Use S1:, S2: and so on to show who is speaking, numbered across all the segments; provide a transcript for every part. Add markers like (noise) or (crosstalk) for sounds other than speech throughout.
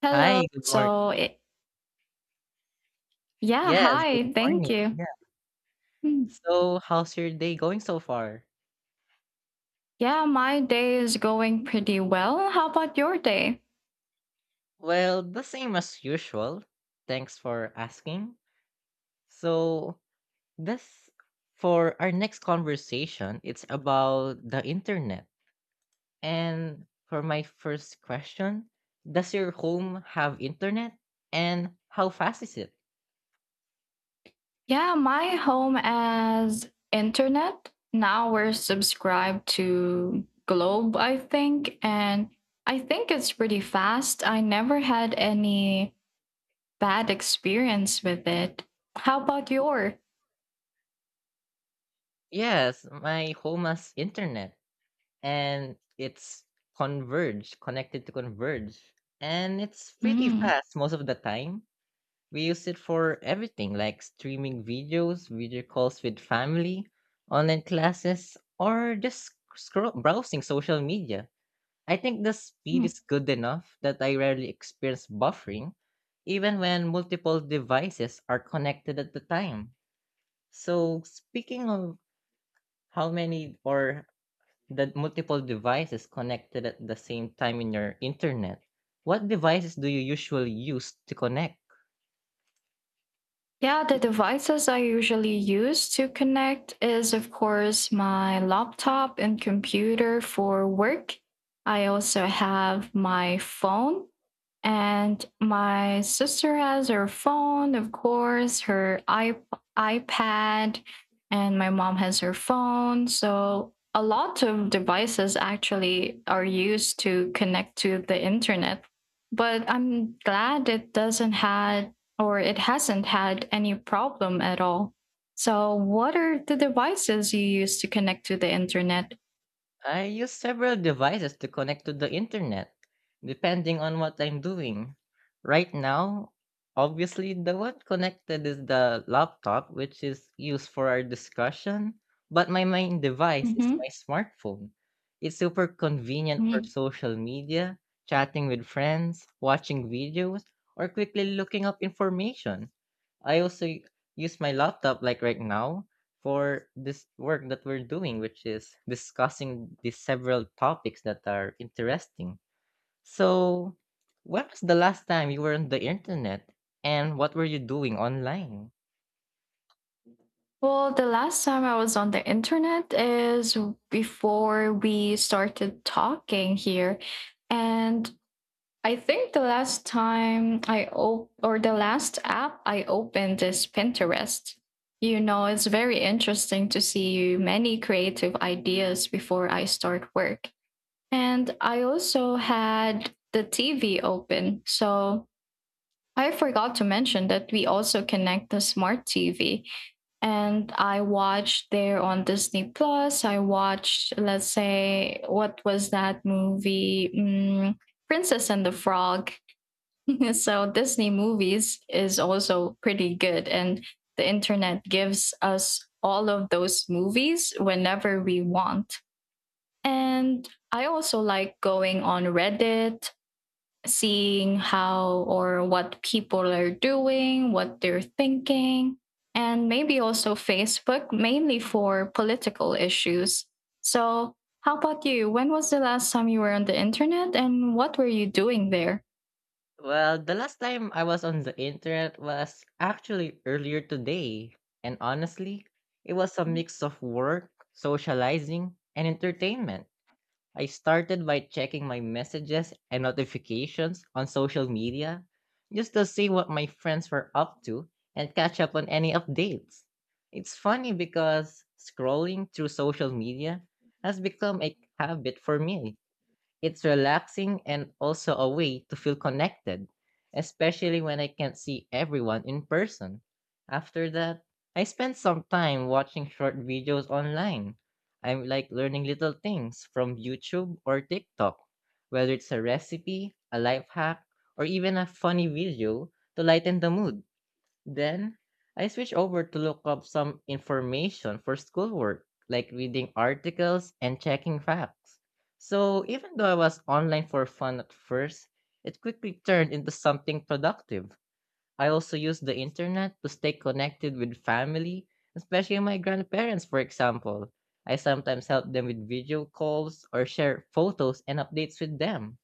S1: Hello.
S2: Hi, good morning.
S1: Yeah,
S2: Yes, good
S1: hi. Thank
S2: morning.
S1: you.
S2: Yeah.
S1: Hmm.
S2: So, how's your day going so far?
S1: Yeah, my day is going pretty well. How about your day?
S2: Well, the same as usual. Thanks for asking. So, this for our next conversation, it's about the internet. And for my first question, does your home have internet? And how fast is it?
S1: Yeah, my home has internet. Now we're subscribed to Globe, I think, and I think it's pretty fast. I never had any bad experience with it. How about your?
S2: Yes, my home has internet. And it's Converge, connected to Converge. And it's pretty
S1: Hmm.
S2: fast most of the time. We use it for everything like streaming videos, video calls with family, online classes, or just scroll browsing social media. I think the speed is good enough that I rarely experience buffering, even when multiple devices are connected at the time. So, speaking of how many or that multiple devices connected at the same time in your internet. What devices do you usually use to connect?
S1: Yeah, the devices I usually use to connect is, of course, my laptop and computer for work. I also have my phone and my sister has her phone, of course, her iPad, and my mom has her phone. So a lot of devices actually are used to connect to the internet. But I'm glad it hasn't had any problem at all. So what are the devices you use to connect to the internet?
S2: I use several devices to connect to the internet, depending on what I'm doing. Right now, obviously, the one connected is the laptop, which is used for our discussion, but my main device is my
S1: Hmm.
S2: smartphone. It's super convenient for social media, chatting with friends, watching videos, or quickly looking up information. I also use my laptop, like right now, for this work that we're doing, which is discussing the several topics that are interesting. So, when was the last time you were on the internet and what were you doing online?
S1: Well, the last time I was on the internet is before we started talking here. And I think the last app I opened is Pinterest. It's very interesting to see many creative ideas before I start work. And I also had the TV open. So I forgot to mention that we also connect the smart TV. And I watched there on Disney Plus. I watched, let's say, what was that movie? Princess and the Frog. (laughs) So Disney movies is also pretty good. And the internet gives us all of those movies whenever we want. And I also like going on Reddit, seeing how or what people are doing, what they're thinking, and maybe also Facebook, mainly for political issues. So, how about you? When was the last time you were on the internet and what were you doing there?
S2: Well, the last time I was on the internet was actually earlier today. And honestly, it was a mix of work, socializing, and entertainment. I started by checking my messages and notifications on social media just to see what my friends were up to and catch up on any updates. It's funny because scrolling through social media has become a habit for me. It's relaxing and also a way to feel connected, especially when I can't see everyone in person. After that, I spend some time watching short videos online. I'm like learning little things from YouTube or TikTok, whether it's a recipe, a life hack, or even a funny video to lighten the mood. Then I switch over to look up some information for schoolwork, like reading articles and checking facts. So even though I was online for fun at first, it quickly turned into something productive. I also use the internet to stay connected with family, especially my grandparents, for example. I sometimes help them with video calls or share photos and updates with them.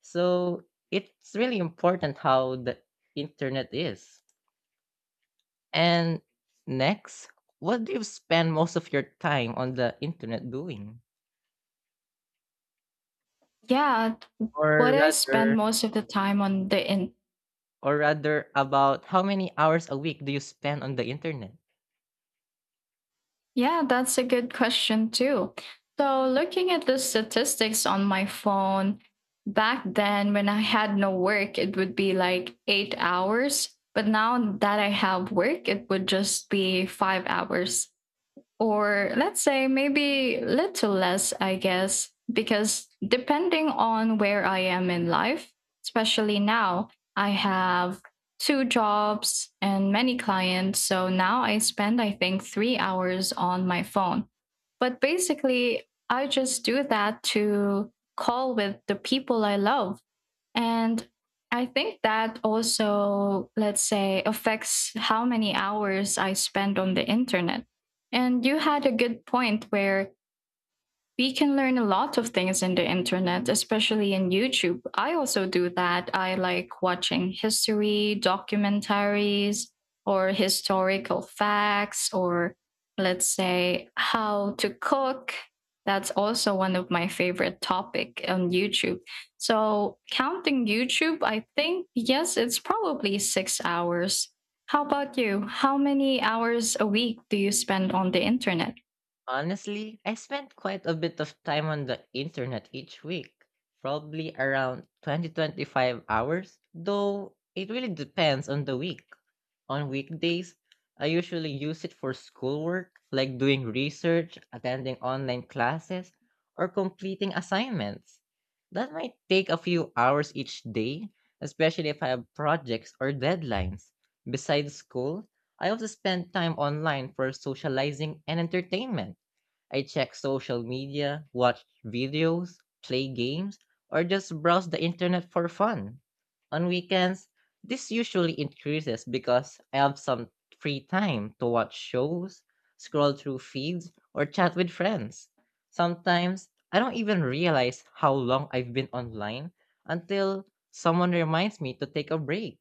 S2: So it's really important how the internet is. And next, what do you spend most of your time on the internet doing?
S1: Yeah, what
S2: Or
S1: I spend
S2: rather,
S1: most of the time on the.
S2: or rather about how many hours a week do you spend on the internet?
S1: Yeah, that's a good question too. So, looking at the statistics on my phone, back then when I had no work, it would be like 8 hours. But now that I have work, it would just be 5 hours, or let's say maybe little less, I guess, because depending on where I am in life, especially now, I have two jobs and many clients. So now I spend, I think, 3 hours on my phone. But basically, I just do that to call with the people I love, and I think that also, let's say, affects how many hours I spend on the internet. And you had a good point where we can learn a lot of things in the internet, especially in YouTube. I also do that. I like watching history, documentaries, or historical facts, or let's say how to cook. That's also one of my favorite topic on YouTube. So counting YouTube, I think, yes, it's probably 6 hours. How about you? How many hours a week do you spend on the internet?
S2: Honestly, I spend quite a bit of time on the internet each week, probably around 20-25 hours, though it really depends on the week. On weekdays, I usually use it for schoolwork, like doing research, attending online classes, or completing assignments. That might take a few hours each day, especially if I have projects or deadlines. Besides school, I also spend time online for socializing and entertainment. I check social media, watch videos, play games, or just browse the internet for fun. On weekends, this usually increases because I have some free time to watch shows, scroll through feeds, or chat with friends. Sometimes, I don't even realize how long I've been online until someone reminds me to take a break.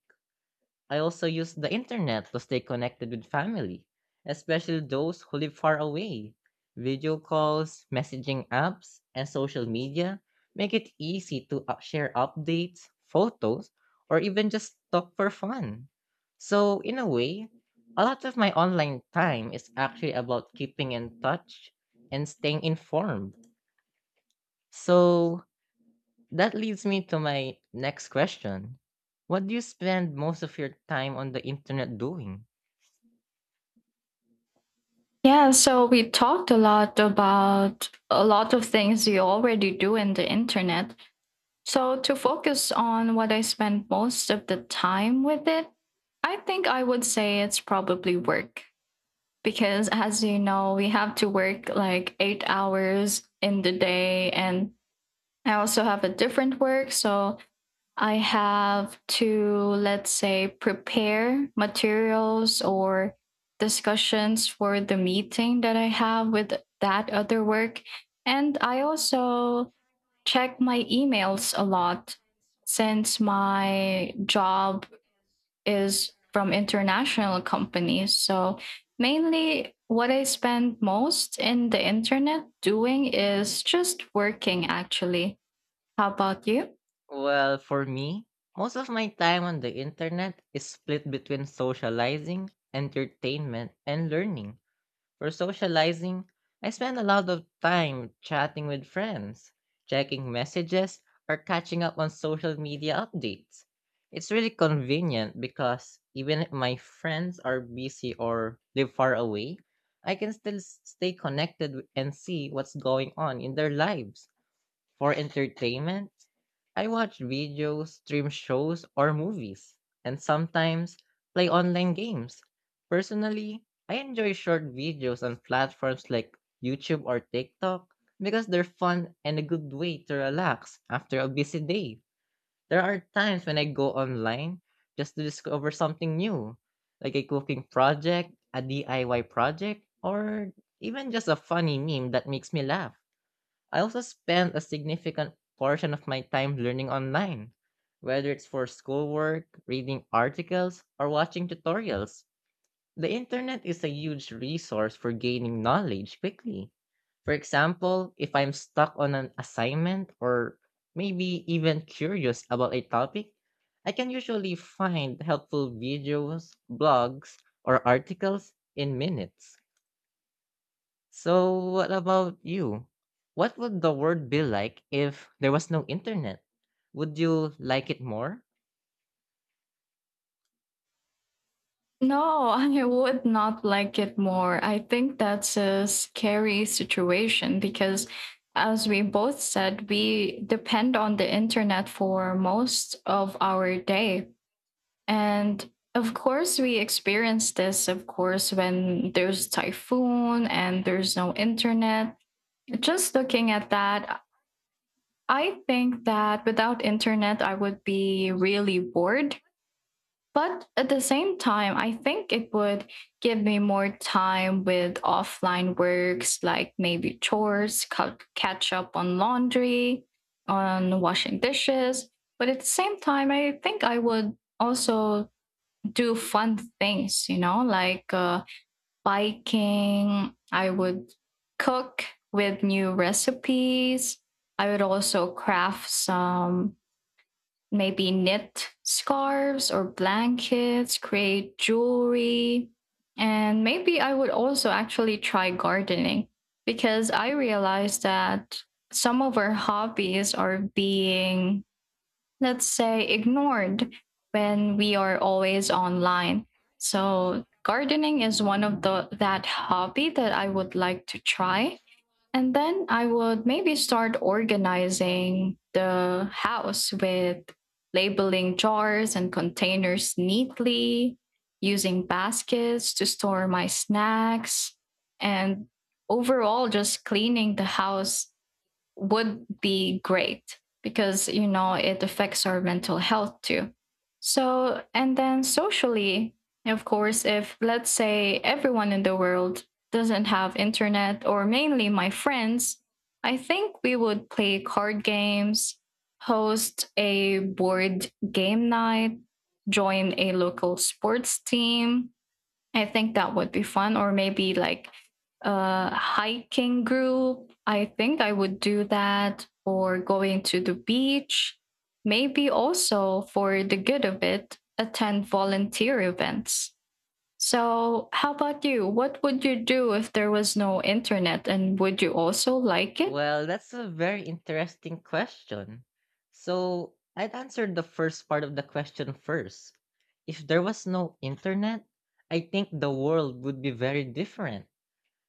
S2: I also use the internet to stay connected with family, especially those who live far away. Video calls, messaging apps, and social media make it easy to share updates, photos, or even just talk for fun. So, in a way, a lot of my online time is actually about keeping in touch and staying informed. So, that leads me to my next question. What do you spend most of your time on the internet doing?
S1: Yeah, so we talked a lot about a lot of things you already do in the internet. So to focus on what I spend most of the time with it, I think I would say it's probably work. Because as you know, we have to work like 8 hours in the day. And I also have a different work. So I have to, let's say, prepare materials or discussions for the meeting that I have with that other work. And I also check my emails a lot since my job is from international companies. So mainly what I spend most in the internet doing is just working actually. How about you?
S2: Well, for me, most of my time on the internet is split between socializing, entertainment, and learning. For socializing, I spend a lot of time chatting with friends, checking messages, or catching up on social media updates. It's really convenient because even if my friends are busy or live far away, I can still stay connected and see what's going on in their lives. For entertainment, I watch videos, stream shows, or movies, and sometimes play online games. Personally, I enjoy short videos on platforms like YouTube or TikTok because they're fun and a good way to relax after a busy day. There are times when I go online just to discover something new, like a cooking project, a DIY project, or even just a funny meme that makes me laugh. I also spend a significant portion of my time learning online, whether it's for schoolwork, reading articles, or watching tutorials. The internet is a huge resource for gaining knowledge quickly. For example, if I'm stuck on an assignment or maybe even curious about a topic, I can usually find helpful videos, blogs, or articles in minutes. So what about you? What would the world be like if there was no internet? Would you like it more?
S1: No. (laughs) I would not like it more. I think that's a scary situation because, as we both said, we depend on the internet for most of our day. And of course, we experience this, of course, when there's typhoon and there's no internet. Just looking at that, I think that without internet, I would be really bored, but at the same time, I think it would give me more time with offline works like maybe chores, catch up on laundry, on washing dishes. But at the same time, I think I would also do fun things, like biking. I would cook with new recipes. I would also craft some, maybe knit scarves or blankets, create jewelry. And maybe I would also actually try gardening because I realized that some of our hobbies are being, let's say, ignored when we are always online. So gardening is one of the that hobby that I would like to try, and then I would maybe start organizing the house with labeling jars and containers neatly, using baskets to store my snacks, and overall just cleaning the house would be great because it affects our mental health too. So, and then socially, of course, if let's say everyone in the world doesn't have internet or mainly my friends, I think we would play card games, host a board game night, join a local sports team. I think that would be fun. Or maybe like a hiking group. I think I would do that. Or going to the beach. Maybe also for the good of it, attend volunteer events. So, how about you? What would you do if there was no internet and would you also like it?
S2: Well, that's a very interesting question. So I'd answer the first part of the question first. If there was no internet, I think the world would be very different,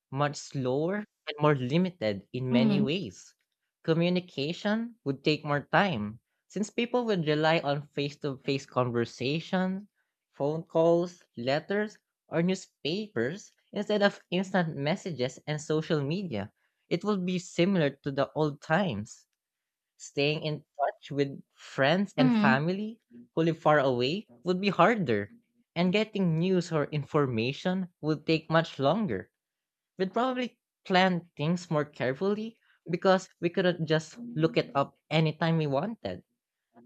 S2: much slower and more limited in many
S1: Mm.
S2: ways. Communication would take more time since people would rely on face to face conversations, phone calls, letters, or newspapers instead of instant messages and social media. It would be similar to the old times. Staying in touch with friends and
S1: Mm.
S2: family who live far away would be harder, and getting news or information would take much longer. We'd probably plan things more carefully because we couldn't just look it up anytime we wanted.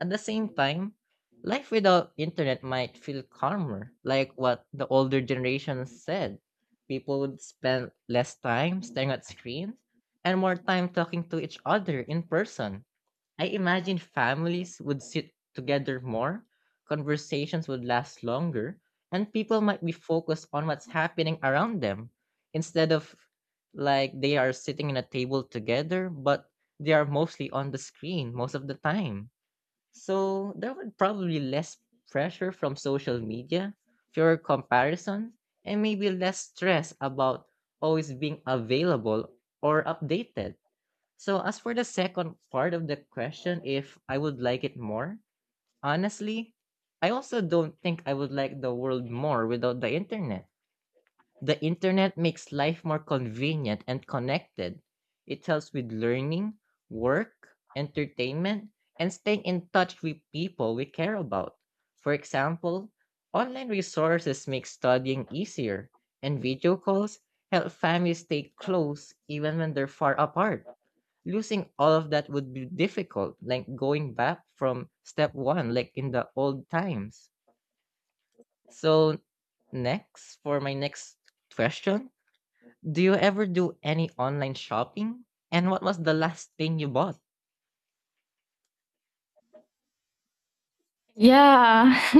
S2: At the same time, life without internet might feel calmer, like what the older generation said. People would spend less time staring at screens and more time talking to each other in person. I imagine families would sit together more, conversations would last longer, and people might be focused on what's happening around them instead of like they are sitting in a table together, but they are mostly on the screen most of the time. So there would probably less pressure from social media, fewer comparisons, and maybe less stress about always being available or updated. So, as for the second part of the question, if I would like it more, honestly, I also don't think I would like the world more without the internet. The internet makes life more convenient and connected. It helps with learning, work, entertainment, and staying in touch with people we care about. For example, online resources make studying easier, and video calls help families stay close even when they're far apart. Losing all of that would be difficult, like going back from step one, like in the old times. So, next, for my next question, do you ever do any online shopping? And what was the last thing you bought?
S1: Yeah. (laughs)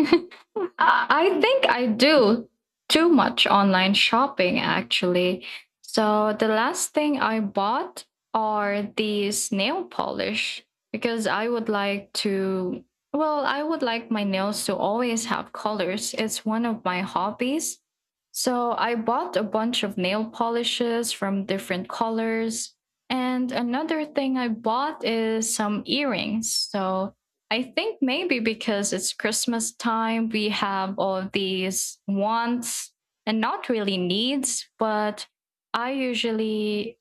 S1: I think I do too much online shopping actually. So the last thing I bought are these nail polish because I would like my nails to always have colors. It's one of my hobbies. So I bought a bunch of nail polishes from different colors. And another thing I bought is some earrings. So I think maybe because it's Christmas time, we have all of these wants and not really needs, but I usually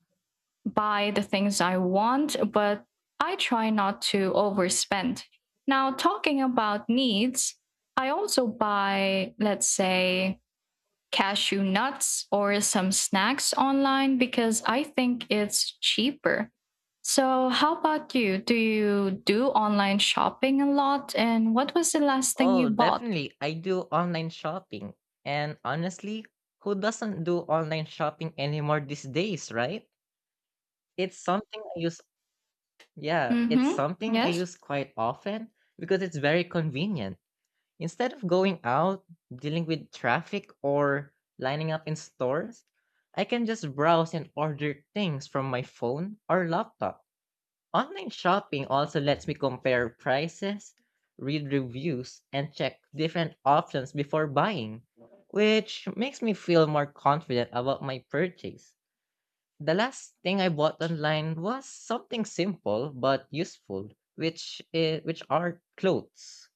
S1: buy the things I want, but I try not to overspend. Now, talking about needs, I also buy, let's say, cashew nuts or some snacks online because I think it's cheaper. So, how about you? Do you do online shopping a lot? And what was the last thing you
S2: Oh,
S1: bought?
S2: definitely. I do online shopping. And honestly, who doesn't do online shopping anymore these days, right? It's something I use, yeah, it's
S1: Mm-hmm.
S2: something I
S1: Yes.
S2: use quite often because it's very convenient. Instead of going out, dealing with traffic, or lining up in stores, I can just browse and order things from my phone or laptop. Online shopping also lets me compare prices, read reviews, and check different options before buying, which makes me feel more confident about my purchase. The last thing I bought online was something simple but useful, which are clothes.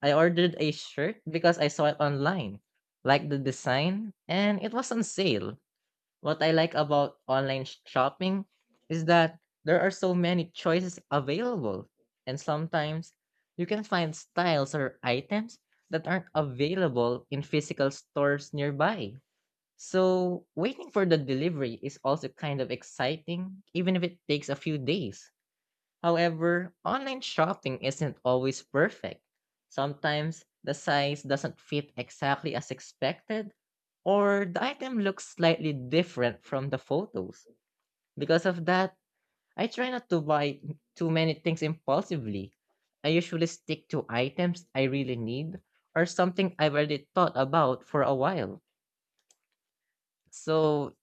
S2: I ordered a shirt because I saw it online, liked the design, and it was on sale. What I like about online shopping is that there are so many choices available, and sometimes you can find styles or items that aren't available in physical stores nearby. So, waiting for the delivery is also kind of exciting, even if it takes a few days. However, online shopping isn't always perfect. Sometimes the size doesn't fit exactly as expected, or the item looks slightly different from the photos. Because of that, I try not to buy too many things impulsively. I usually stick to items I really need or something I've already thought about for a while. So,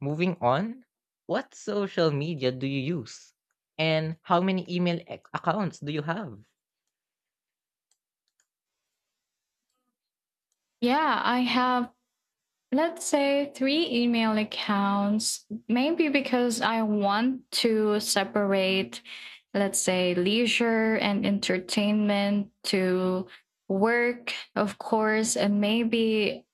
S2: moving on, what social media do you use? And how many email accounts do you have?
S1: Yeah, I have, let's say, three email accounts, maybe because I want to separate, let's say, leisure and entertainment to work, of course, and maybe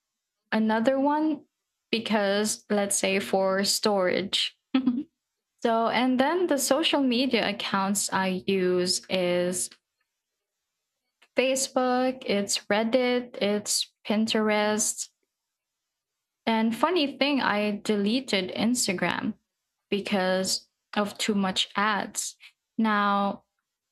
S1: another one because let's say for storage. (laughs) So, and then the social media accounts I use is Facebook, it's Reddit, it's Pinterest. And funny thing, I deleted Instagram because of too much ads. Now,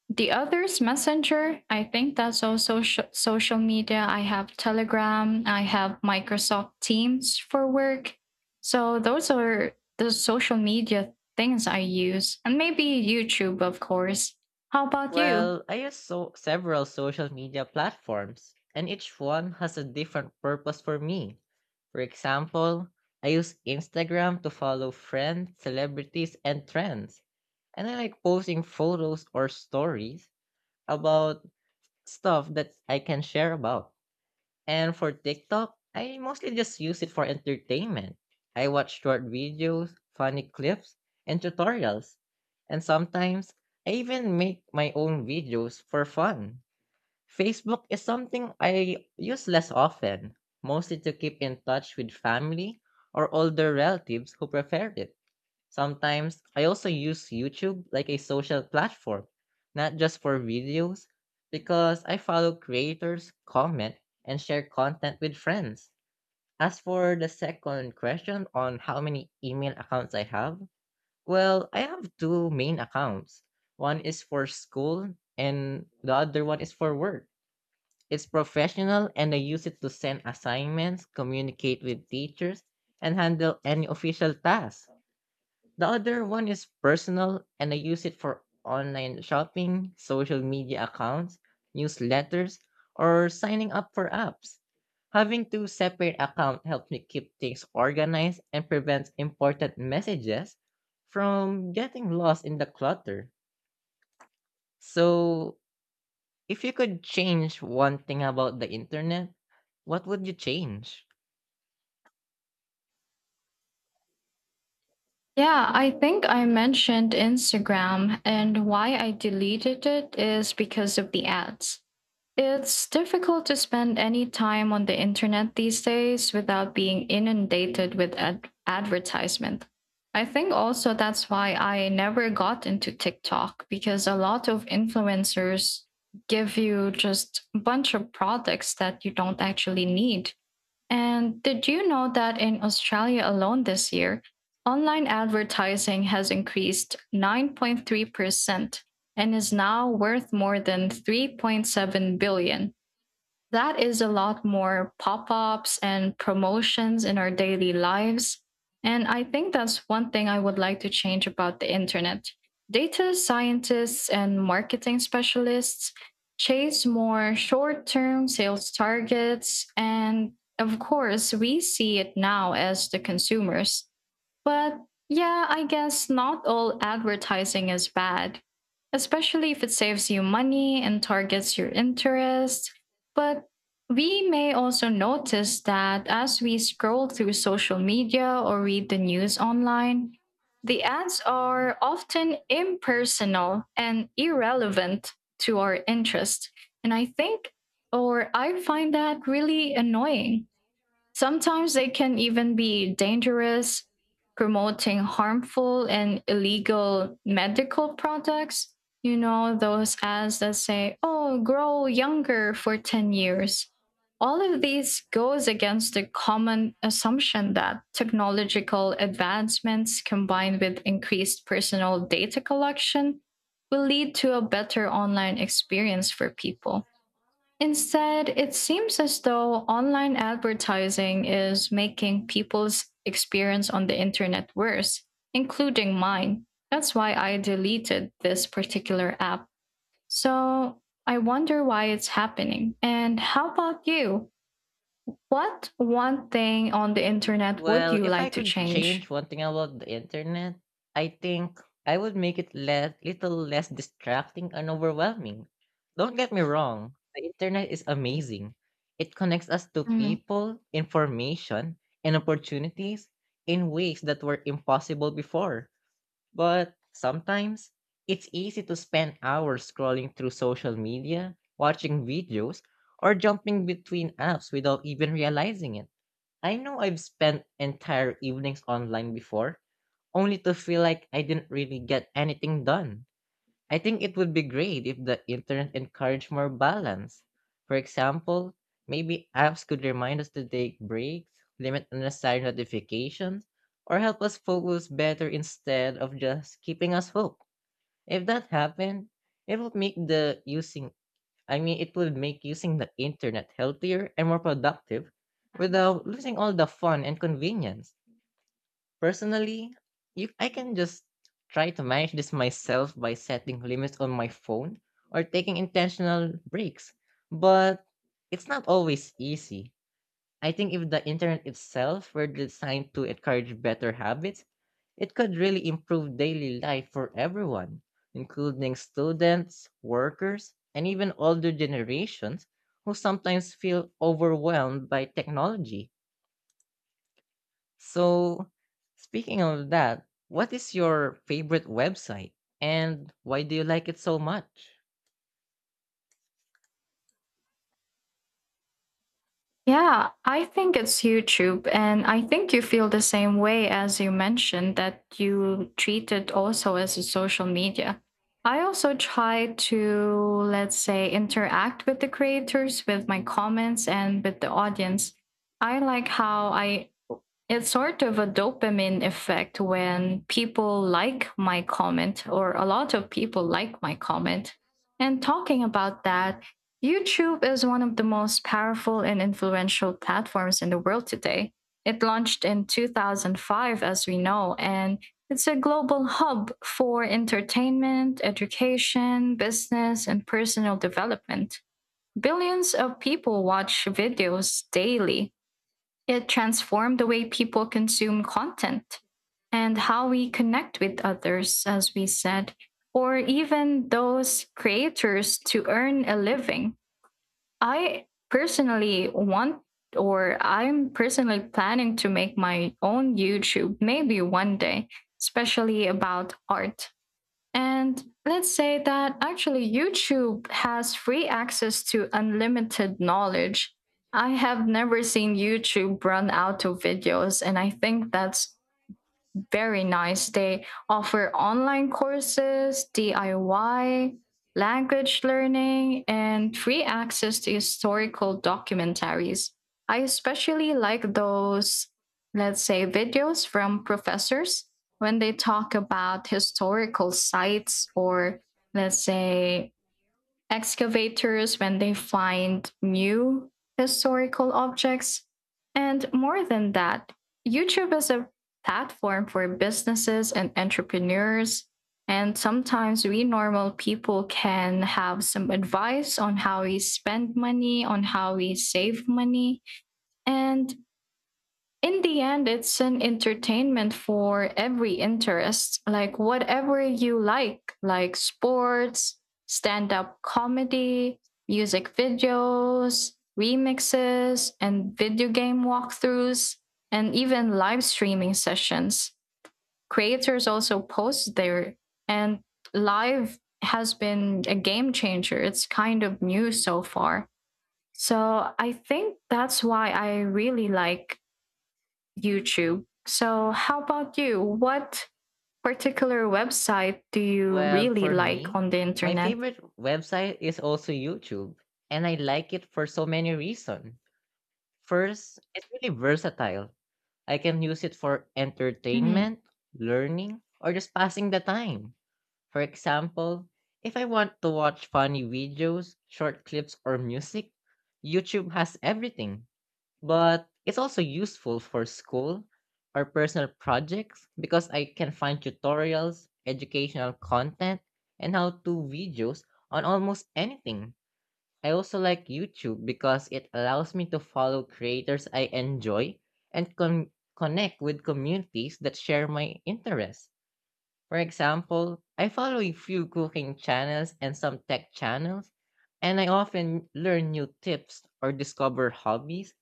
S1: the others, Messenger, I think that's also social media. I have Telegram, I have Microsoft Teams for work. So those are the social media things I use, and maybe YouTube, of course. How about you?
S2: Well, I use several social media platforms, and each one has a different purpose for me. For example, I use Instagram to follow friends, celebrities, and trends. And I like posting photos or stories about stuff that I can share about. And for TikTok, I mostly just use it for entertainment. I watch short videos, funny clips, and tutorials. And sometimes I even make my own videos for fun. Facebook is something I use less often, mostly to keep in touch with family or older relatives who prefer it. Sometimes I also use YouTube like a social platform, not just for videos, because I follow creators, comment, and share content with friends. As for the second question on how many email accounts I have, well, I have two main accounts. One is for school and the other one is for work. It's professional and I use it to send assignments, communicate with teachers, and handle any official tasks. The other one is personal and I use it for online shopping, social media accounts, newsletters, or signing up for apps. Having two separate accounts helps me keep things organized and prevents important messages from getting lost in the clutter. So, if you could change one thing about the internet, what would you change?
S1: Yeah, I think I mentioned Instagram, and why I deleted it is because of the ads. It's difficult to spend any time on the internet these days without being inundated with advertisement. I think also that's why I never got into TikTok because a lot of influencers give you just a bunch of products that you don't actually need. And did you know that in Australia alone this year, online advertising has increased 9.3% and is now worth more than $3.7 billion That is a lot more pop ups and promotions in our daily lives. And I think that's one thing I would like to change about the internet. Data scientists and marketing specialists chase more short term sales targets. And of course, we see it now as the consumers. But yeah, I guess not all advertising is bad, especially if it saves you money and targets your interests. But we may also notice that as we scroll through social media or read the news online, the ads are often impersonal and irrelevant to our interest. And I think, or I find that really annoying. Sometimes they can even be dangerous, promoting harmful and illegal medical products. Those ads that say, oh, grow younger for 10 years. All of these goes against the common assumption that technological advancements combined with increased personal data collection will lead to a better online experience for people. Instead, it seems as though online advertising is making people's experience on the internet worse, including mine. That's why I deleted this particular app. So I wonder why it's happening. And how about you? What one thing on the internet would
S2: Well,
S1: you
S2: if I
S1: like to
S2: could
S1: change?
S2: change one thing about the internet, I think I would make it less, little less distracting and overwhelming. Don't get me wrong, the internet is amazing. It connects us to people, information, and opportunities in ways that were impossible before. But sometimes it's easy to spend hours scrolling through social media, watching videos, or jumping between apps without even realizing it. I know I've spent entire evenings online before, only to feel like I didn't really get anything done. I think it would be great if the internet encouraged more balance. For example, maybe apps could remind us to take breaks, limit unnecessary notifications, or help us focus better instead of just keeping us hooked. If that happened, it would make the using it would make using the internet healthier and more productive without losing all the fun and convenience. Personally, you I can just try to manage this myself by setting limits on my phone or taking intentional breaks. But it's not always easy. I think if the internet itself were designed to encourage better habits, it could really improve daily life for everyone, including students, workers, and even older generations who sometimes feel overwhelmed by technology. So, speaking of that, what is your favorite website and why do you like it so much?
S1: Yeah, I think it's YouTube. And I think you feel the same way as you mentioned that you treat it also as a social media. I also try to, let's say, interact with the creators, with my comments, and with the audience. I like how I it's sort of a dopamine effect when people like my comment, or a lot of people like my comment. And talking about that, YouTube is one of the most powerful and influential platforms in the world today. It launched in 2005, as we know, and it's a global hub for entertainment, education, business, and personal development. Billions of people watch videos daily. It transformed the way people consume content and how we connect with others, as we said, or even those creators to earn a living. I personally want, or I'm personally planning to make my own YouTube maybe one day, especially about art. And let's say that actually YouTube has free access to unlimited knowledge. I have never seen YouTube run out of videos, and I think that's very nice. They offer online courses, DIY, language learning, and free access to historical documentaries. I especially like those, let's say, videos from professors when they talk about historical sites, or, let's say, excavators when they find new historical objects. And more than that, YouTube is a platform for businesses and entrepreneurs. And sometimes we normal people can have some advice on how we spend money, on how we save money. And in the end, it's an entertainment for every interest, like whatever you like sports, stand up comedy, music videos, remixes, and video game walkthroughs, and even live streaming sessions. Creators also post there, and live has been a game changer. It's kind of new so far. So I think that's why I really like YouTube. So, how about you? What particular website do you
S2: Well,
S1: really
S2: for
S1: like
S2: me,
S1: on the
S2: my
S1: internet?
S2: favorite website is also YouTube, and I like it for so many reasons. First, it's really versatile. I can use it for entertainment, learning, or just passing the time. For example, if I want to watch funny videos, short clips, or music, YouTube has everything. But it's also useful for school or personal projects because I can find tutorials, educational content, and how-to videos on almost anything. I also like YouTube because it allows me to follow creators I enjoy and connect with communities that share my interests. For example, I follow a few cooking channels and some tech channels, and I often learn new tips or discover hobbies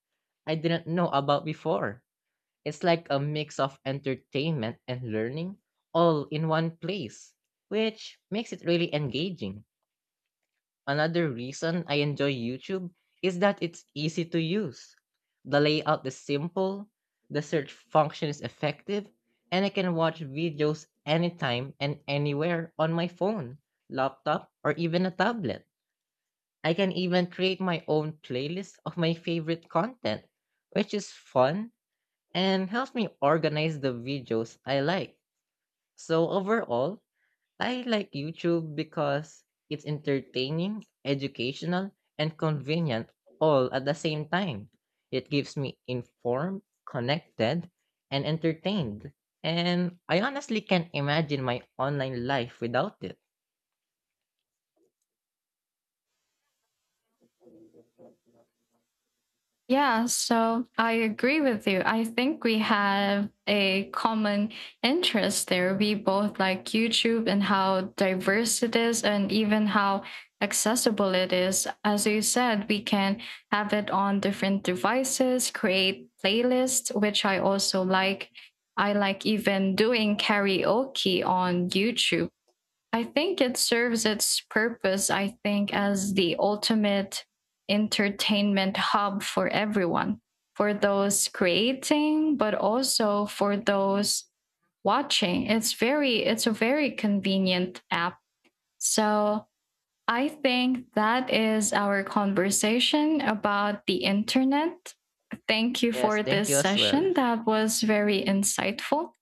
S2: I didn't know about before. It's like a mix of entertainment and learning all in one place, which makes it really engaging. Another reason I enjoy YouTube is that it's easy to use. The layout is simple, the search function is effective, and I can watch videos anytime and anywhere on my phone, laptop, or even a tablet. I can even create my own playlist of my favorite content, which is fun and helps me organize the videos I like. So overall, I like YouTube because it's entertaining, educational, and convenient all at the same time. It keeps me informed, connected, and entertained. And I honestly can't imagine my online life without it.
S1: Yeah, so I agree with you. I think we have a common interest there. We both like YouTube and how diverse it is, and even how accessible it is. As you said, we can have it on different devices, create playlists, which I also like. I like even doing karaoke on YouTube. I think it serves its purpose, I think, as the ultimate entertainment hub for everyone, for those creating, but also for those watching. It's a very convenient app. So I think that is our conversation about the internet. Thank you
S2: Yes,
S1: for
S2: thank
S1: this
S2: you as well.
S1: session. That was very insightful.